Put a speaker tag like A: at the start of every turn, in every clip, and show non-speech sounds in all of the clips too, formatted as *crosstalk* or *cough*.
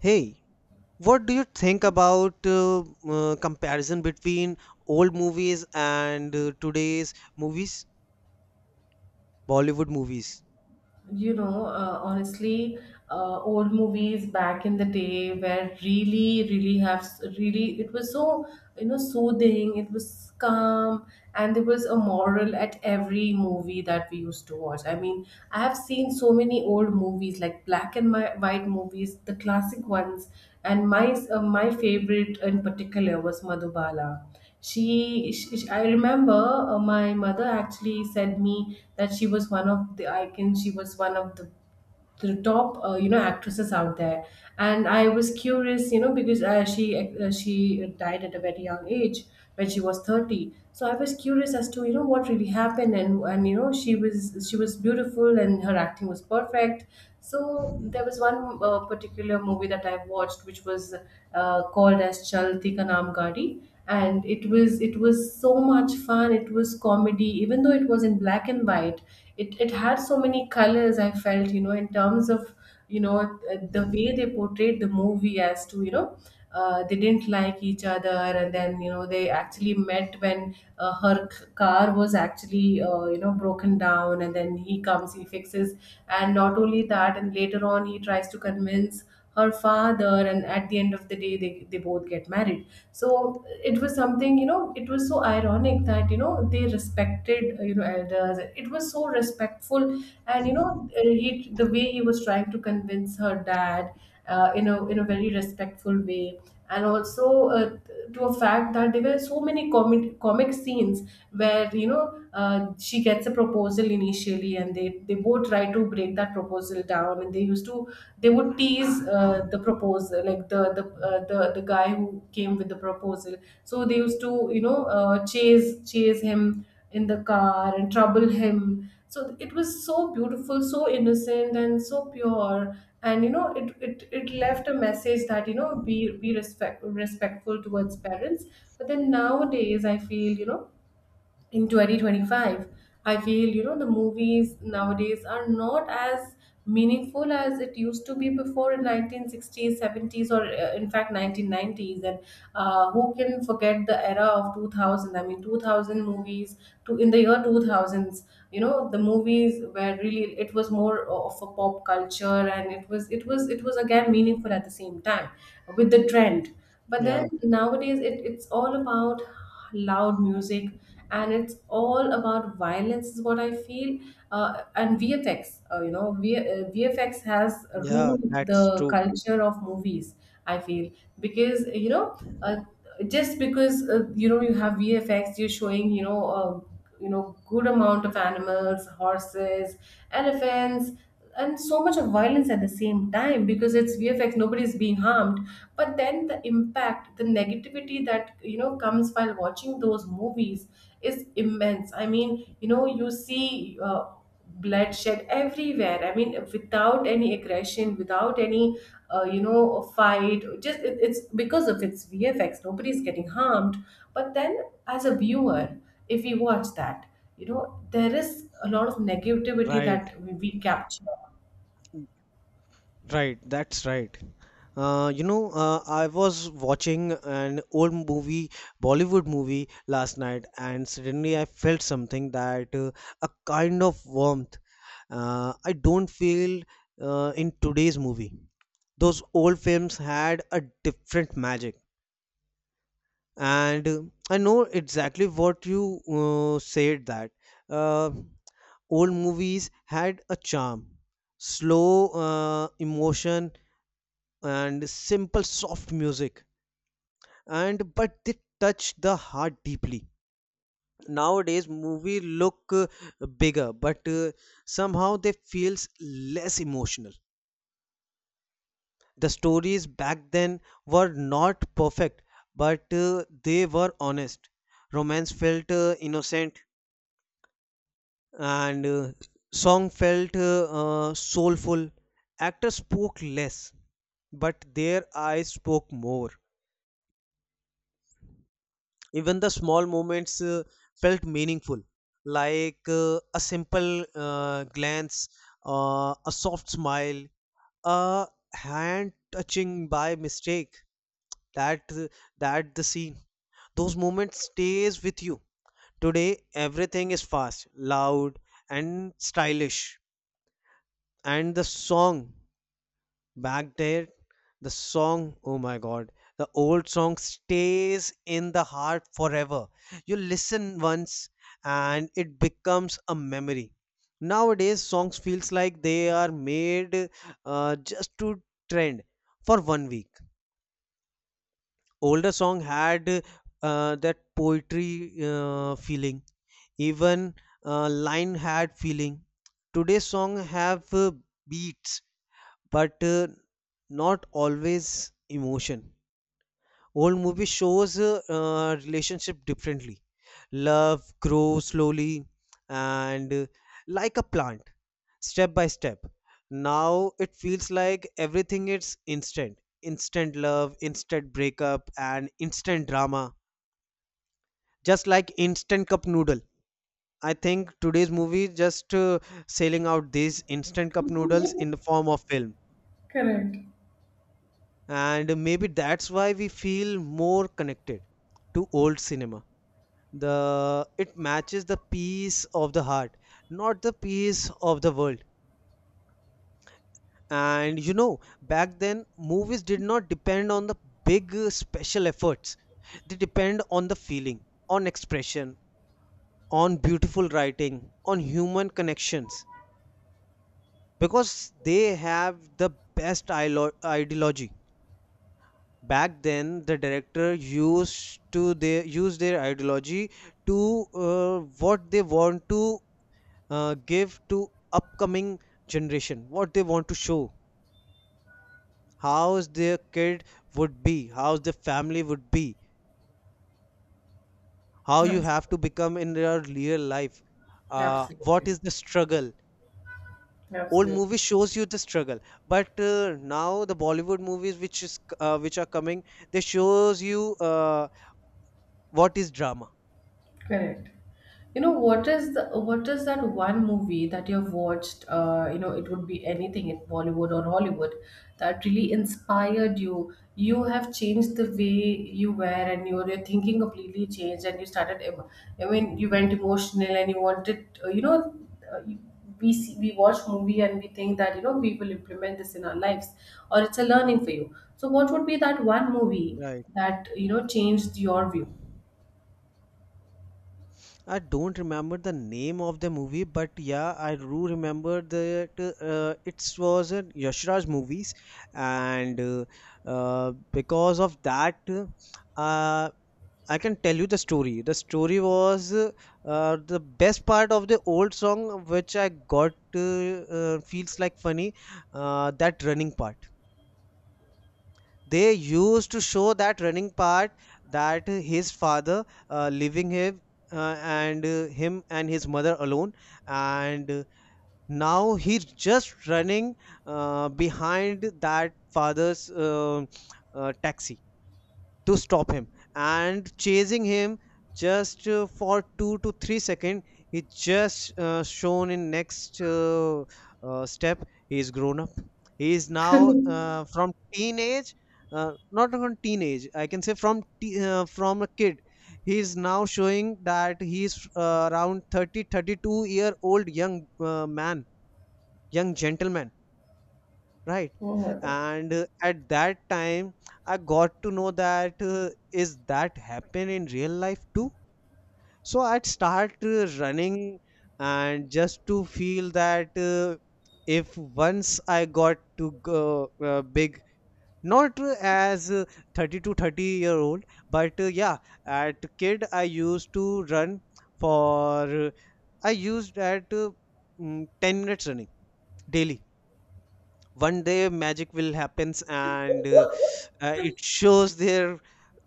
A: Hey, what do you think about comparison between old movies and today's movies, Bollywood movies?
B: Honestly, old movies back in the day were really it was so, you know, soothing. It was calm, and there was a moral at every movie that we used to watch. I mean, I have seen so many old movies like black and white movies, the classic ones. And my my favorite in particular was Madhubala. She I remember, my mother actually said me that she was one of the icons. She was one of the top, uh, actresses out there. And I was curious, you know, because she died at a very young age when she was 30. So I was curious as to, you know, what really happened. And you know, she was beautiful and her acting was perfect. So there was one particular movie that I watched, which was called as Chalti Ka Naam Gaadi, and it was so much fun. It was comedy, even though it was in black and white. It had so many colors, I felt, you know, in terms of, you know, the way they portrayed the movie as to, you know, they didn't like each other. And then, you know, they actually met when, her car was actually, you know, broken down, and then he comes, he fixes. And not only that, and later on he tries to convince her father, and at the end of the day they both get married. So it was something, you know, it was so ironic that, you know, they respected, you know, elders. It was so respectful. And you know, he, the way he was trying to convince her dad, in a very respectful way. And also, to a fact that there were so many comic scenes where, you know, she gets a proposal initially, and they both try to break that proposal down. And they used to, they would tease, the proposal, like the guy who came with the proposal. So they used to, you know, chase him in the car and trouble him. So it was so beautiful, so innocent, and so pure. And you know, it left a message that, you know, be respectful towards parents. But then nowadays I feel, you know, in 2025, I feel, you know, the movies nowadays are not as meaningful as it used to be before, in 1960s, 70s, or, in fact 1990s. And Who can forget the era of 2000? I mean, 2000 movies, to in the year 2000s, you know, the movies were really, it was more of a pop culture, and it was again meaningful at the same time, with the trend. But
A: Yeah,
B: then nowadays, it's all about loud music, and it's all about violence, is what I feel. And VFX, VFX has
A: yeah,
B: ruined
A: that's
B: the
A: true.
B: culture of movies, I feel. Because, you know, just because, you know, you have VFX, you're showing, you know, good amount of animals, horses, elephants, and so much of violence at the same time, because it's VFX, nobody's being harmed. But then the impact, the negativity that, you know, comes while watching those movies is immense. I mean, you know, you see, bloodshed everywhere. I mean, without any aggression, without any, you know, a fight. Just it's because of its VFX, nobody's getting harmed. But then, as a viewer, if we watch that, you know, there is a lot of negativity
A: Right,
B: that we capture.
A: right, that's right. I was watching an old movie, Bollywood movie last night, and suddenly I felt something that a kind of warmth I don't feel in today's movie. Those old films had a different magic, and I know exactly what you said, that uh, old movies had a charm, slow emotion and simple soft music, and but they touch the heart deeply. Nowadays movie look bigger, but somehow they feels less emotional. The stories back then were not perfect, but they were honest. Romance felt innocent, and song felt soulful. Actors spoke less, but their eyes spoke more. Even the small moments felt meaningful, like a simple glance, a soft smile, a hand touching by mistake, that that the scene, those moments stays with you. Today everything is fast, loud and stylish. And the song back there, the song, oh my god, the old song stays in the heart forever. You listen once, and it becomes a memory. Nowadays songs feels like they are made just to trend for one week. Older song had that poetry feeling. Even line had feeling. Today's song have beats, but not always emotion. Old movie shows relationship differently. Love grows slowly and like a plant, step by step. Now it feels like everything is instant. Instant love, instant breakup, and instant drama. Just like instant cup noodle. I think today's movie just selling out these instant cup noodles
B: *laughs*
A: in the form of film.
B: Correct.
A: And maybe that's why we feel more connected to old cinema. The it matches the peace of the heart, not the peace of the world. And you know, back then movies did not depend on the big special efforts. They depend on the feeling, on expression, on beautiful writing, on human connections, because they have the best ideology. Back then the director used to their use their ideology to what they want to give to upcoming generation, what they want to show, how is their kid would be, how the family would be, how you have
B: Absolutely.
A: to become in your real life. What
B: Absolutely.
A: is the struggle, old
B: Absolutely.
A: movie shows you the struggle. But now the Bollywood movies, which are coming, they shows you what is drama.
B: Correct. You know, what is that one movie that you've watched, you know, it would be anything in Bollywood or Hollywood, that really inspired you? You have changed the way you were, and your thinking completely changed, and you started, I mean, you went emotional, and you wanted, you know, uh, you- we see, we watch movie and we think that, you know, we will implement this in our lives, or it's a learning for you. So, what would be that one movie that, you know, changed your view?
A: I don't remember the name of the movie, but yeah, I do remember that it was a Yashraj movies, and because of that, uh, I can tell you the story. The story was the best part of the old song, which I got feels like funny. That running part, they used to show that running part, that his father leaving him and him and his mother alone. And now he's just running behind that father's taxi to stop him and chasing him, just for 2 to 3 seconds. He just shown in next step, he is grown up. He is now from teenage, not from teenage, I can say from from a kid. He is now showing that he is around 30, 32 year old young man, young gentleman, right?
B: Oh my.
A: And at that time, I got to know that is that happen in real life too. So I'd start running, and just to feel that if once I got to go big, not as 30 to 30 year old. But yeah, at kid I used to run for I used at 10 minutes running daily. One day magic will happens, and it shows their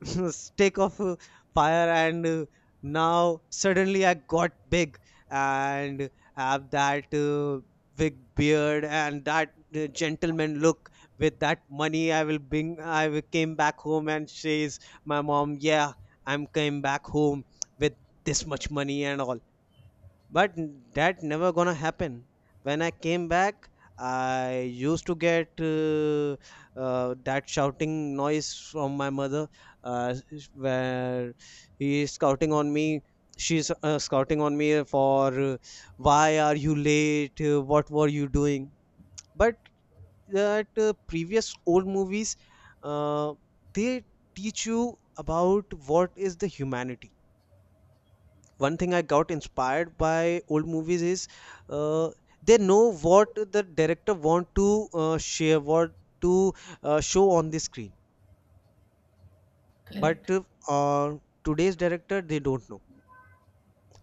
A: *laughs* stick of fire. And now suddenly I got big and have that big beard and that gentleman look. With that money I will bring, I will came back home and says, my mom, yeah, I'm came back home with this much money and all. But that never gonna happen. When I came back, I used to get that shouting noise from my mother, uh, where he is scouting on me. She's scouting on me for why are you late. What were you doing? But that previous old movies, uh, they teach you about what is the humanity. One thing I got inspired by old movies is uh, they know what the director want to share, what to show on the screen.
B: Correct.
A: But uh, today's director, they don't know.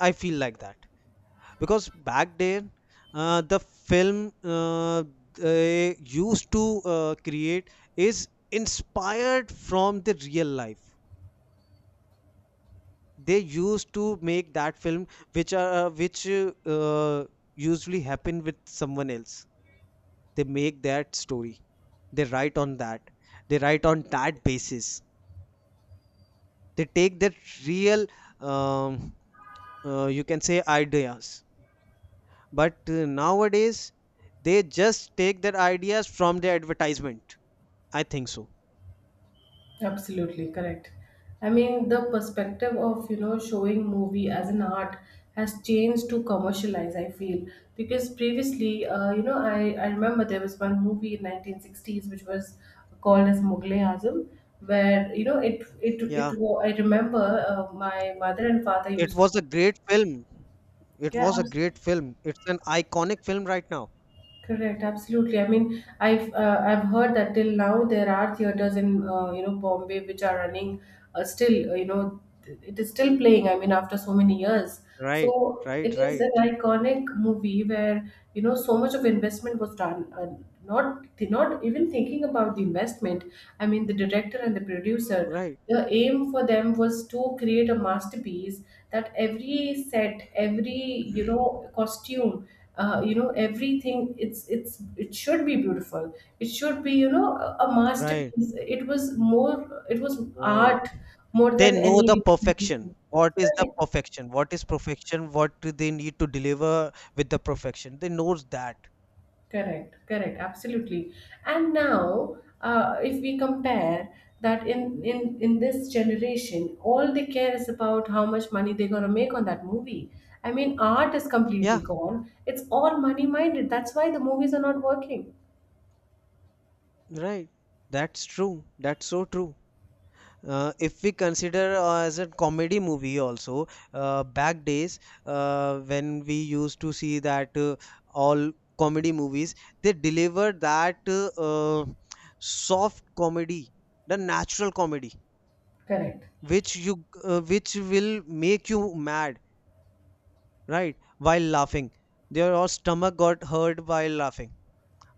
A: I feel like that because back then, the film they used to create is inspired from the real life. They used to make that film which usually happen with someone else, they make their story, they write on that, they write on that basis, they take that real, um, you can say ideas. But nowadays they just take their ideas from the advertisement, I think so.
B: Absolutely correct. I mean, the perspective of, you know, showing movie as an art has changed to commercialize, I feel, because previously, you know, I remember there was one movie in 1960s which was called as Mughal Azam, where, you know,
A: Yeah,
B: I remember, my mother and father
A: it
B: used
A: was a
B: to.
A: great film. It
B: Yeah.
A: was a great film, it's an iconic film right now.
B: Correct, absolutely. I mean, I've, I've heard that till now there are theaters in, you know, Bombay, which are running, still, you know, it is still playing. I mean, after so many years,
A: Right,
B: so it
A: right,
B: is
A: right.
B: an iconic movie where, you know, so much of investment was done. Not not even thinking about the investment. I mean, the director and the producer,
A: Right,
B: the aim for them was to create a masterpiece, that every set, every, you know, costume, you know, everything, it's it should be beautiful. It should be, you know, a
A: right,
B: masterpiece. It was more. It was
A: right.
B: art more
A: They
B: than
A: know
B: any
A: the perfection,
B: representation.
A: what is the
B: Correct.
A: perfection, what is perfection, what do they need to deliver. With the perfection, they knows that.
B: Correct, correct, absolutely. And now, if we compare that, in this generation, all they care is about how much money they're gonna make on that movie. I mean, art is completely
A: Yeah.
B: gone. It's all money minded. That's why the movies are not working.
A: Right, that's true, that's so true. If we consider as a comedy movie also, back days, when we used to see that all comedy movies, they deliver that uh, soft comedy, the natural comedy,
B: Correct,
A: which you which will make you mad, right? While laughing. Their stomach got hurt while laughing.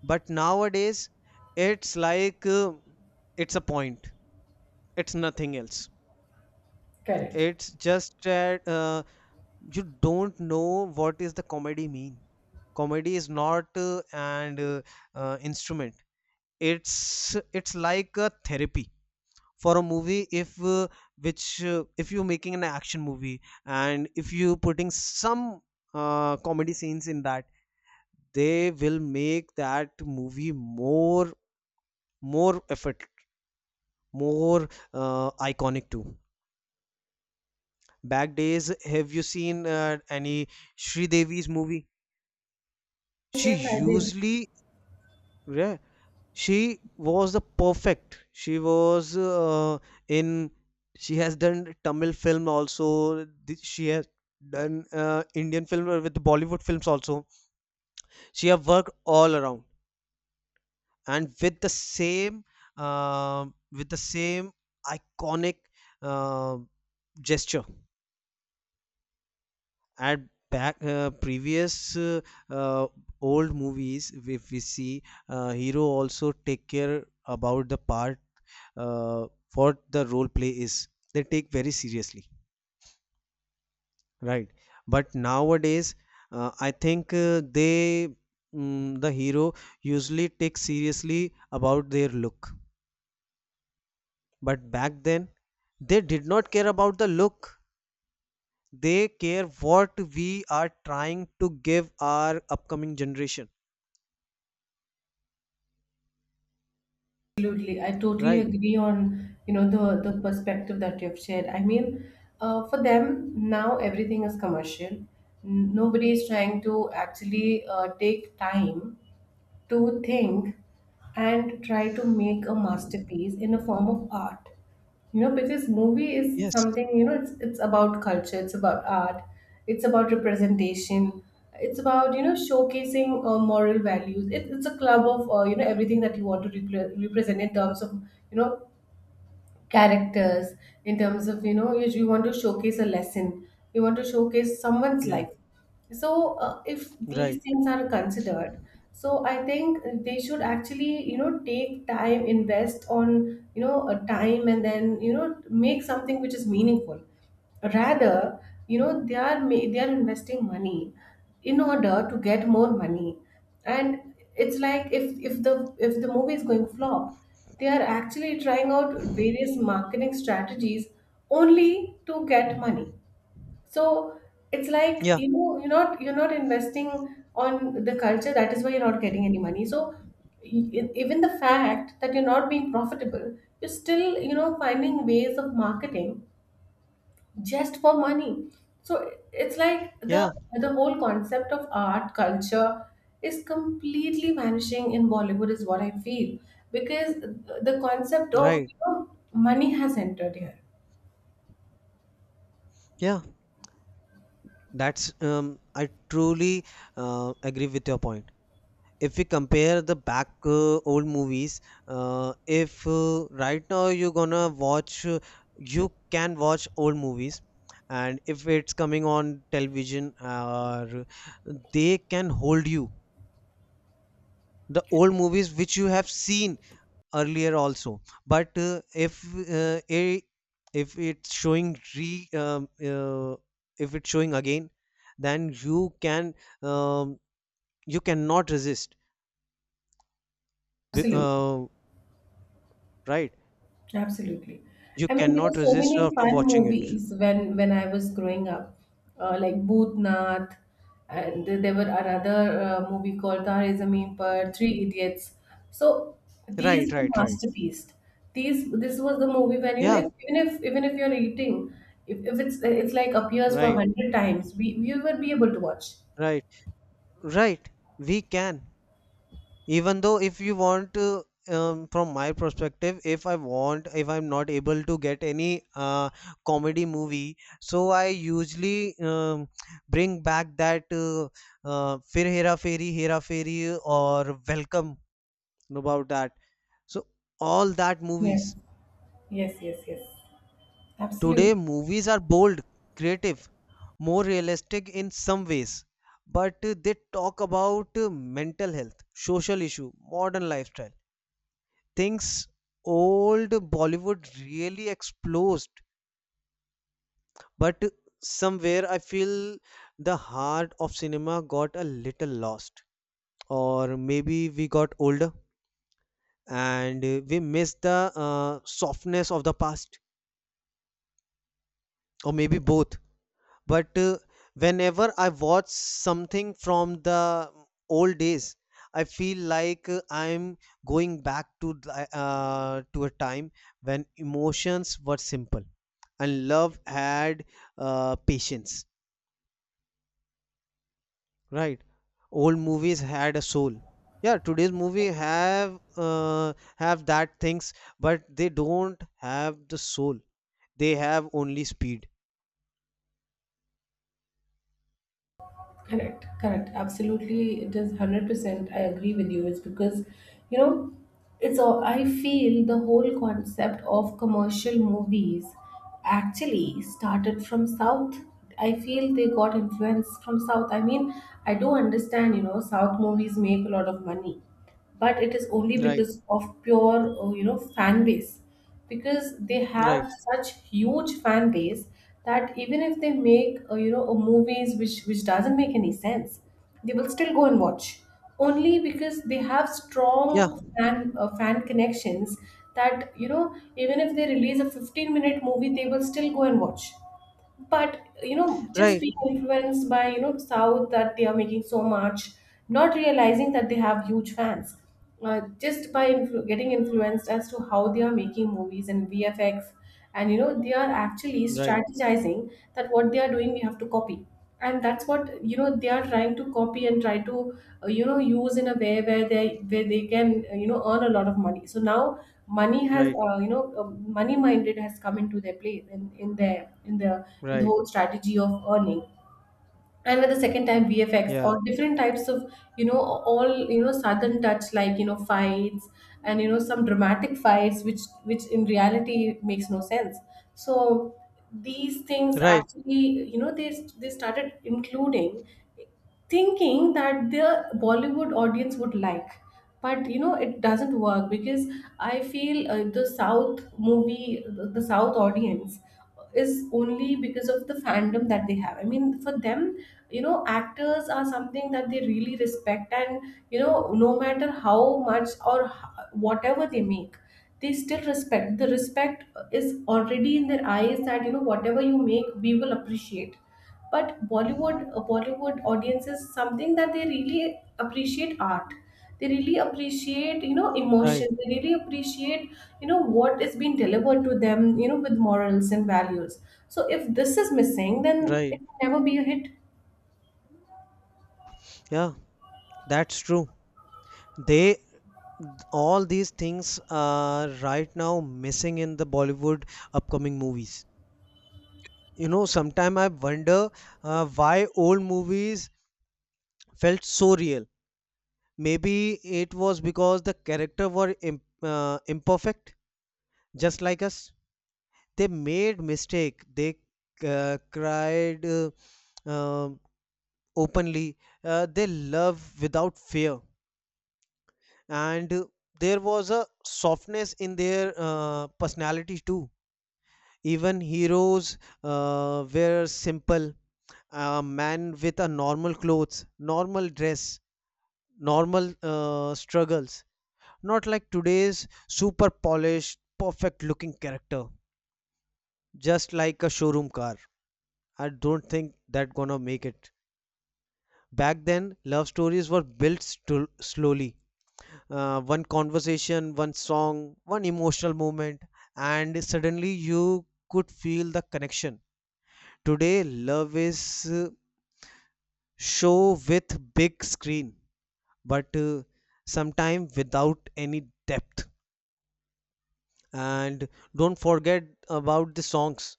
A: But nowadays, it's like it's a point, it's nothing else.
B: correct.
A: It's just that you don't know what is the comedy mean. Comedy is not an instrument. It's it's like a therapy for a movie. If which uh, if you're making an action movie, and if you putting some comedy scenes in that, they will make that movie more, more effort, more iconic too. Back days, have you seen any Sridevi's movie,
B: Yes,
A: she
B: yes, I did.
A: usually. Yeah, she was the perfect, she was in, she has done Tamil film also, she has done Indian film with Bollywood films also, she have worked all around. And uh, with the same iconic uh, gesture. At back previous uh, old movies, if we see, hero also take care about the part, uh, what the role play is, they take very seriously, right? But nowadays, I think the hero usually take seriously about their look. But back then, they did not care about the look. They care what we are trying to give our upcoming generation.
B: Absolutely. I totally
A: Right.
B: agree on, you know, the perspective that you've shared. I mean, for them now everything is commercial. Nobody is trying to actually, take time to think and try to make a masterpiece in a form of art, you know, because movie is
A: Yes.
B: something, you know, it's about culture, it's about art, it's about representation, it's about, you know, showcasing, moral values. It's a club of, you know, everything that you want to represent in terms of, you know, characters, in terms of, you know, if you want to showcase a lesson, you want to showcase someone's
A: Yeah.
B: life. So, if these
A: Right.
B: things are considered, so I think they should actually, you know, take time, invest on, you know, a time, and then, you know, make something which is meaningful. Rather, you know, they are investing money in order to get more money. And it's like, if if the movie is going flop, they are actually trying out various marketing strategies only to get money. So it's like,
A: Yeah.
B: you know, you're not, you're not investing on the culture. That is why you're not getting any money. So even the fact that you're not being profitable, you're still, you know, finding ways of marketing just for money. So it's like the
A: Yeah.
B: the whole concept of art culture is completely vanishing in Bollywood, is what I feel, because the concept of,
A: Right.
B: you know, money has entered here.
A: Yeah. That's I truly agree with your point. If we compare the back old movies, if right now you're gonna watch you can watch old movies, and if it's coming on television or, they can hold you. The old movies which you have seen earlier also. But if uh, i- if it's showing re um, uh, if it's showing again, then you can um, you cannot resist. Be-
B: Absolutely.
A: uh, right?
B: Absolutely.
A: You
B: I mean, there
A: cannot
B: were so
A: resist
B: many
A: after
B: fun
A: watching it.
B: movies when I was growing up, like Bhootnath, and there were another movie called Tare Zameen Par, Three Idiots. So these
A: Right,
B: were
A: right, right.
B: masterpieces. These this was the movie when, you know,
A: Yeah,
B: if, even if you're eating, if it's it's like appears for
A: right,
B: 100 times, we would be able to watch.
A: right, right. We can. Even though if you want to, from my perspective, if I want, if I'm not able to get any comedy movie, so I usually bring back that Fir Hera Fairy, Hera Fairy, or Welcome about that. So all that
B: Yes,
A: movies.
B: yes, yes, yes.
A: Today,
B: Absolutely.
A: movies are bold, creative, more realistic in some ways, but they talk about mental health, social issue, modern lifestyle, things old Bollywood really explores. But somewhere I feel the heart of cinema got a little lost, or maybe we got older and we missed the softness of the past, or maybe both. But whenever I watch something from the old days, I feel like I'm going back to to a time when emotions were simple, and love had patience, right? Old movies had a soul. Yeah, today's movie uh, have that things, but they don't have the soul, they have only speed.
B: Correct, correct. Absolutely, it is 100%. I agree with you. It's because, you know, it's all, I feel, the whole concept of commercial movies actually started from South. I feel they got influence from South. I mean, I do understand, you know, South movies make a lot of money, but it is only
A: Right,
B: because of pure you know, fan base, because they
A: right.
B: have such huge fan base that even if they make you know, a movies which doesn't make any sense, they will still go and watch only because they have strong
A: Yeah,
B: fan connections, that you know, even if they release a 15-minute movie, they will still go and watch. But you know, just
A: right,
B: being influenced by you know, south, that they are making so much, not realizing that they have huge fans, just by getting influenced as to how they are making movies and vfx, and you know they are actually
A: right,
B: strategizing that what they are doing, we have to copy. And that's what you know, they are trying to copy and try to you know, use in a way where they can you know, earn a lot of money. So now money has
A: right,
B: money minded has come into their play, in their in the
A: right.
B: whole strategy of earning, and at the second time VFX
A: Yeah,
B: or different types of, you know, all you know, southern touch, like you know, fights, and you know, some dramatic fights which in reality makes no sense. So these things
A: right,
B: actually, you know, they started including, thinking that the Bollywood audience would like. But you know, it doesn't work because I feel the South movie, the South audience is only because of the fandom that they have. I mean, for them, you know, actors are something that they really respect, and you know, no matter how much or whatever they make, they still respect. The respect is already in their eyes, that you know, whatever you make, we will appreciate. But bollywood audiences something that they really appreciate art, they really appreciate, you know,
A: right,
B: emotion, they really appreciate, you know, what is being delivered to them, you know, with morals and values. So if this is missing, then it
A: right.
B: will never be a hit.
A: Yeah, that's true. They, all these things are right now missing in the Bollywood upcoming movies. You know, sometime I wonder why old movies felt so real. Maybe it was because the character were imperfect, just like us. They made mistake. They cried um openly. They love without fear. And There was a softness in their personalities too. Even heroes were simple, a man with a normal clothes, normal dress, normal struggles, not like today's super polished perfect looking character, just like a showroom car. I don't think that gonna make it. Back then love stories were built slowly, one conversation, one song, one emotional moment, and suddenly you could feel the connection. Today, love is show with big screen, but sometime without any depth. And don't forget about the songs.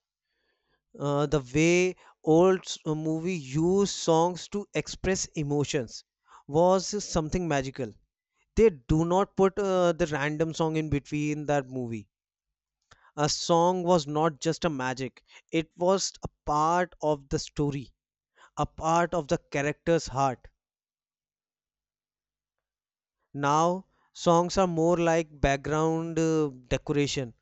A: The way old movie used songs to express emotions was something magical. They do not put the random song in between that movie. A song was not just a magic, it was a part of the story, a part of the character's heart. Now songs are more like background decoration,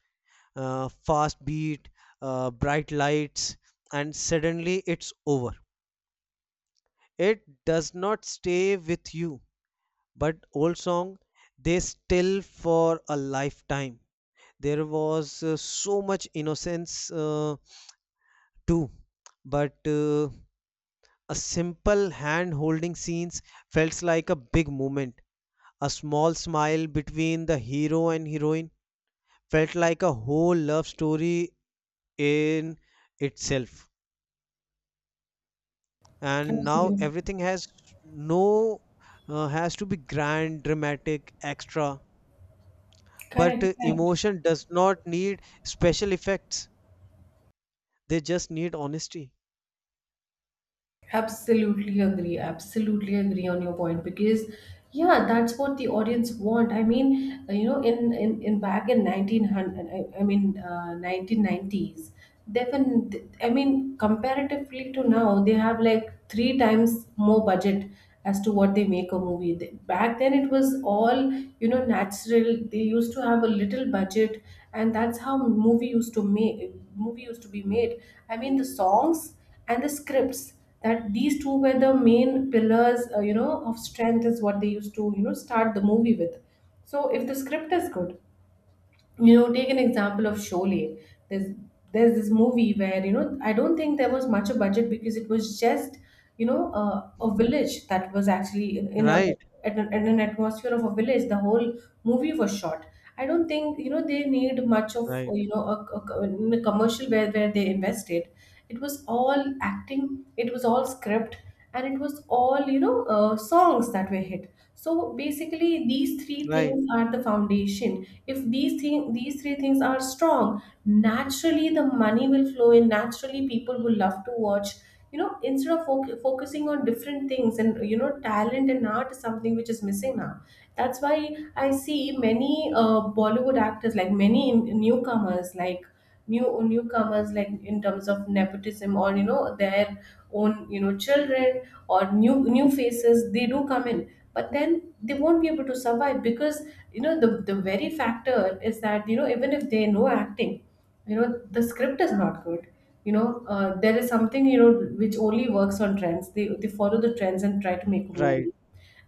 A: fast beat, bright lights, and suddenly it's over. It does not stay with you. But old song, they still for a lifetime. There was so much innocence too, but a simple hand holding scenes felt like a big moment. A small smile between the hero and heroine felt like a whole love story in itself. And now
B: Absolutamente.
A: everything has no has to be grand, dramatic, extra. But
B: Correct, correct.
A: emotion does not need special effects. They just need honesty.
B: Absolutely agree. Absolutely agree on your point, because yeah, that's what the audience want. I mean, you know, in back in 1900, I mean, 1990s, they, I mean, comparatively to now, they have like three times more budget as to what they make a movie. They- Back then, it was all, you know, natural. They used to have a little budget, and that's how movie used to be made. I mean, the songs and the scripts, that these two were the main pillars, you know, of strength is what they used to you know, start the movie with. So if the script is good, you know, take an example of Sholay. there's there's this movie where you know, I don't think there was much a budget, because it was just, you know, a village that was actually, in a
A: Right,
B: at an, in an atmosphere of a village the whole movie was shot. I don't think you know, they need much of,
A: right,
B: you know, in a commercial where they invested. It was all acting, it was all script, and it was all, you know, songs that were hit. So basically these three
A: right,
B: things are the foundation. If these three things are strong, naturally the money will flow in, naturally people will love to watch, you know, instead of focusing on different things. And you know, talent and art is something which is missing now. That's why I see many bollywood actors, like many newcomers, like newcomers, like in terms of nepotism, or you know, their own, you know, children, or new faces, they do come in. But then they won't be able to survive because, you know, the very factor is that, you know, even if they know acting, you know, the script is not good, you know, there is something, you know, which only works on trends. They follow the trends and try to make a
A: right,
B: movie,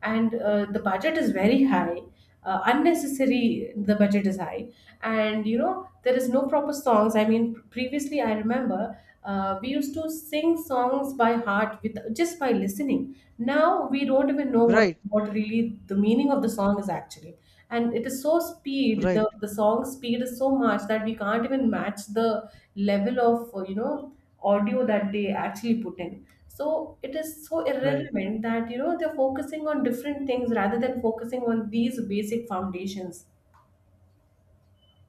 B: and the budget is very high. Unnecessary, the budget is high. And you know, there is no proper songs. I mean previously I remember, we used to sing songs by heart with just by listening. Now we don't even know
A: right,
B: what really the meaning of the song is actually. And it is so speed,
A: right,
B: the song speed is so much that we can't even match the level of you know, audio that they actually put in. So it is so
A: right.
B: irrelevant that you know, they're focusing on different things rather than focusing on these basic foundations.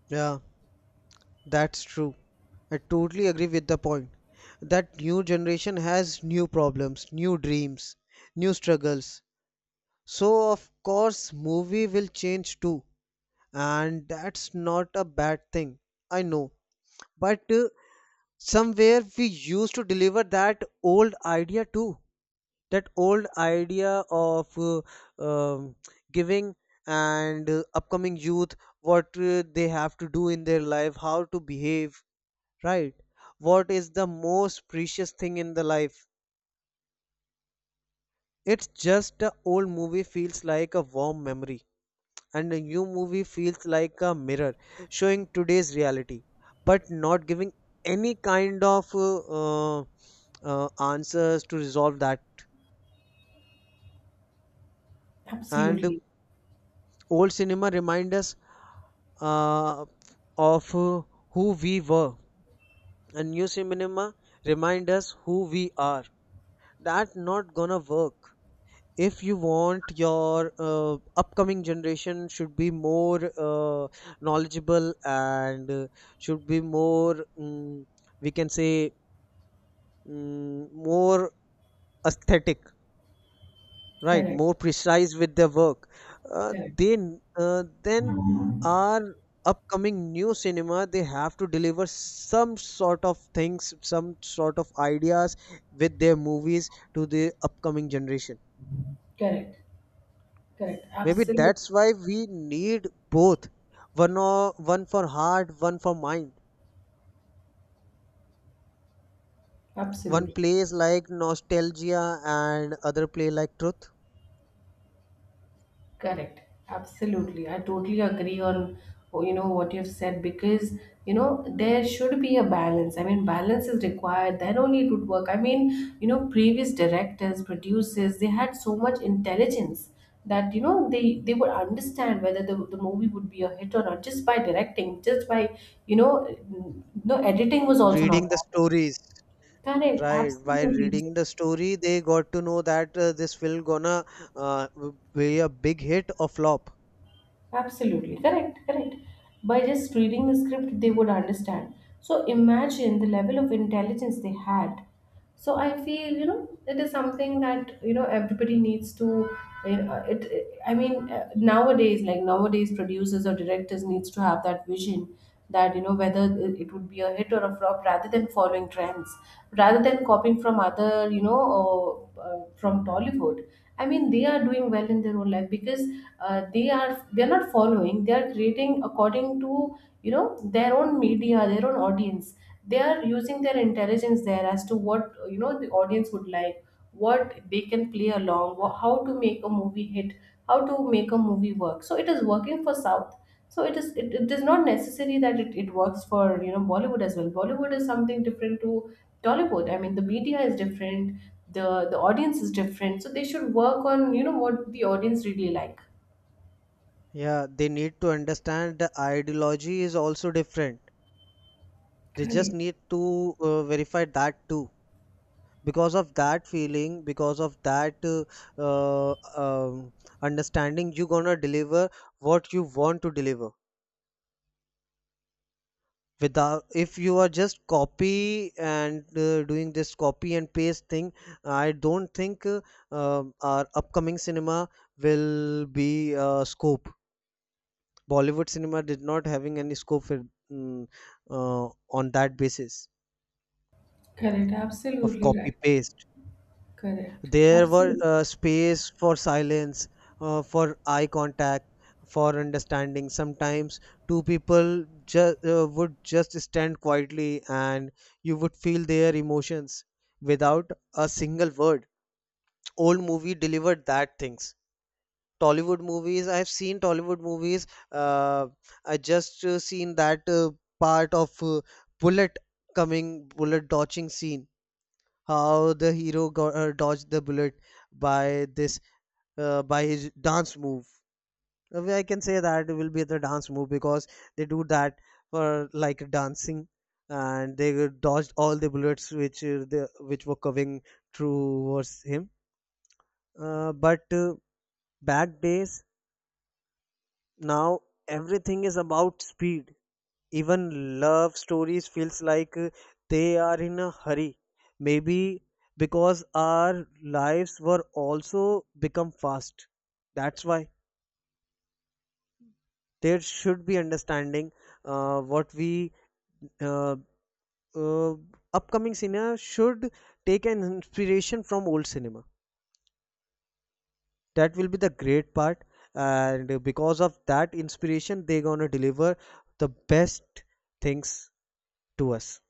A: Yeah. That's true. I totally agree with the point that new generation has new problems, new dreams, new struggles. So of course movie will change too, and that's not a bad thing. I know. But somewhere we used to deliver that old idea too. That old idea of um, giving and upcoming youth what they have to do in their life, how to behave, right? What is the most precious thing in the life? It's just a old movie feels like a warm memory, and a new movie feels like a mirror showing today's reality, but not giving any kind of answers to resolve that. And
B: Absolutely.
A: old cinema remind us uh, of who we were, and new cinema remind us who we are. That not gonna work. If you want your upcoming generation should be more knowledgeable and should be more we can say more aesthetic, right,
B: Correct,
A: more precise with their work, uh,
B: correct,
A: then then our upcoming new cinema, they have to deliver some sort of things, some sort of ideas with their movies to the upcoming generation.
B: correct, correct.
A: Maybe
B: Absolutely,
A: that's why we need both. One or one, for heart, one for mind. One
B: absolutely.
A: plays like nostalgia and other play like truth.
B: Correct. Absolutely. I totally agree on, oh, you know what you've said, because you know, there should be a balance. I mean, balance is required, then only it would work. I mean, you know, previous directors, producers, they had so much intelligence, that you know, they would understand whether the movie would be a hit or not, just by directing, just by, you know, no editing was also not
A: Reading the
B: bad.
A: stories,
B: Correct,
A: right? By
B: absolutely.
A: reading the story, they got to know that this will gonna uh, be a big hit or flop.
B: Absolutely correct, correct. By just reading the script, they would understand. So imagine the level of intelligence they had. So I feel, you know, it is something that you know, everybody needs to. You know, I mean, nowadays, like nowadays, producers or directors needs to have that vision, that you know, whether it would be a hit or a flop, rather than following trends, rather than copying from other, you know, or from Bollywood. I mean, they are doing well in their own life because they are not following. They are creating according to, you know, their own media, their own audience. They are using their intelligence there as to what you know, the audience would like, what they can play along, how to make a movie hit, how to make a movie work. So it is working for South, so it is not necessary that it works for, you know, bollywood as well. Bollywood is something different to tollywood. I mean, the media is different, the audience is different, so they should work on you know, what the audience really like.
A: Yeah, they need to understand the ideology is also different. They just
B: Correct.
A: need to verify that too. Because of that feeling, because of that uh, um, understanding, you're gonna deliver what you want to deliver without, if you are just copy and doing this copy and paste thing. I don't think our upcoming cinema will be scope. Bollywood cinema did not having any scope for, mm, uh, on that basis
B: Correct.
A: of
B: Absolutely
A: copy
B: right.
A: paste.
B: Correct.
A: There were
B: Absolutely.
A: space for silence, for eye contact, for understanding. Sometimes two people would just stand quietly and you would feel their emotions without a single word. Old movie delivered that things. Tollywood movies, I've seen Tollywood movies. Uh, I just seen that part of bullet coming, bullet dodging scene. How the hero got, dodged the bullet by this by his dance move. I can say that it will be the dance move because they do that for like dancing, and they dodged all the bullets which the which were coming towards him. But back days, now everything is about speed. Even love stories feels like they are in a hurry. Maybe because our lives were also become fast. That's why. There should be understanding what we uh, uh, upcoming cinema should take an inspiration from old cinema. That will be the great part, and because of that inspiration they're gonna deliver the best things to us.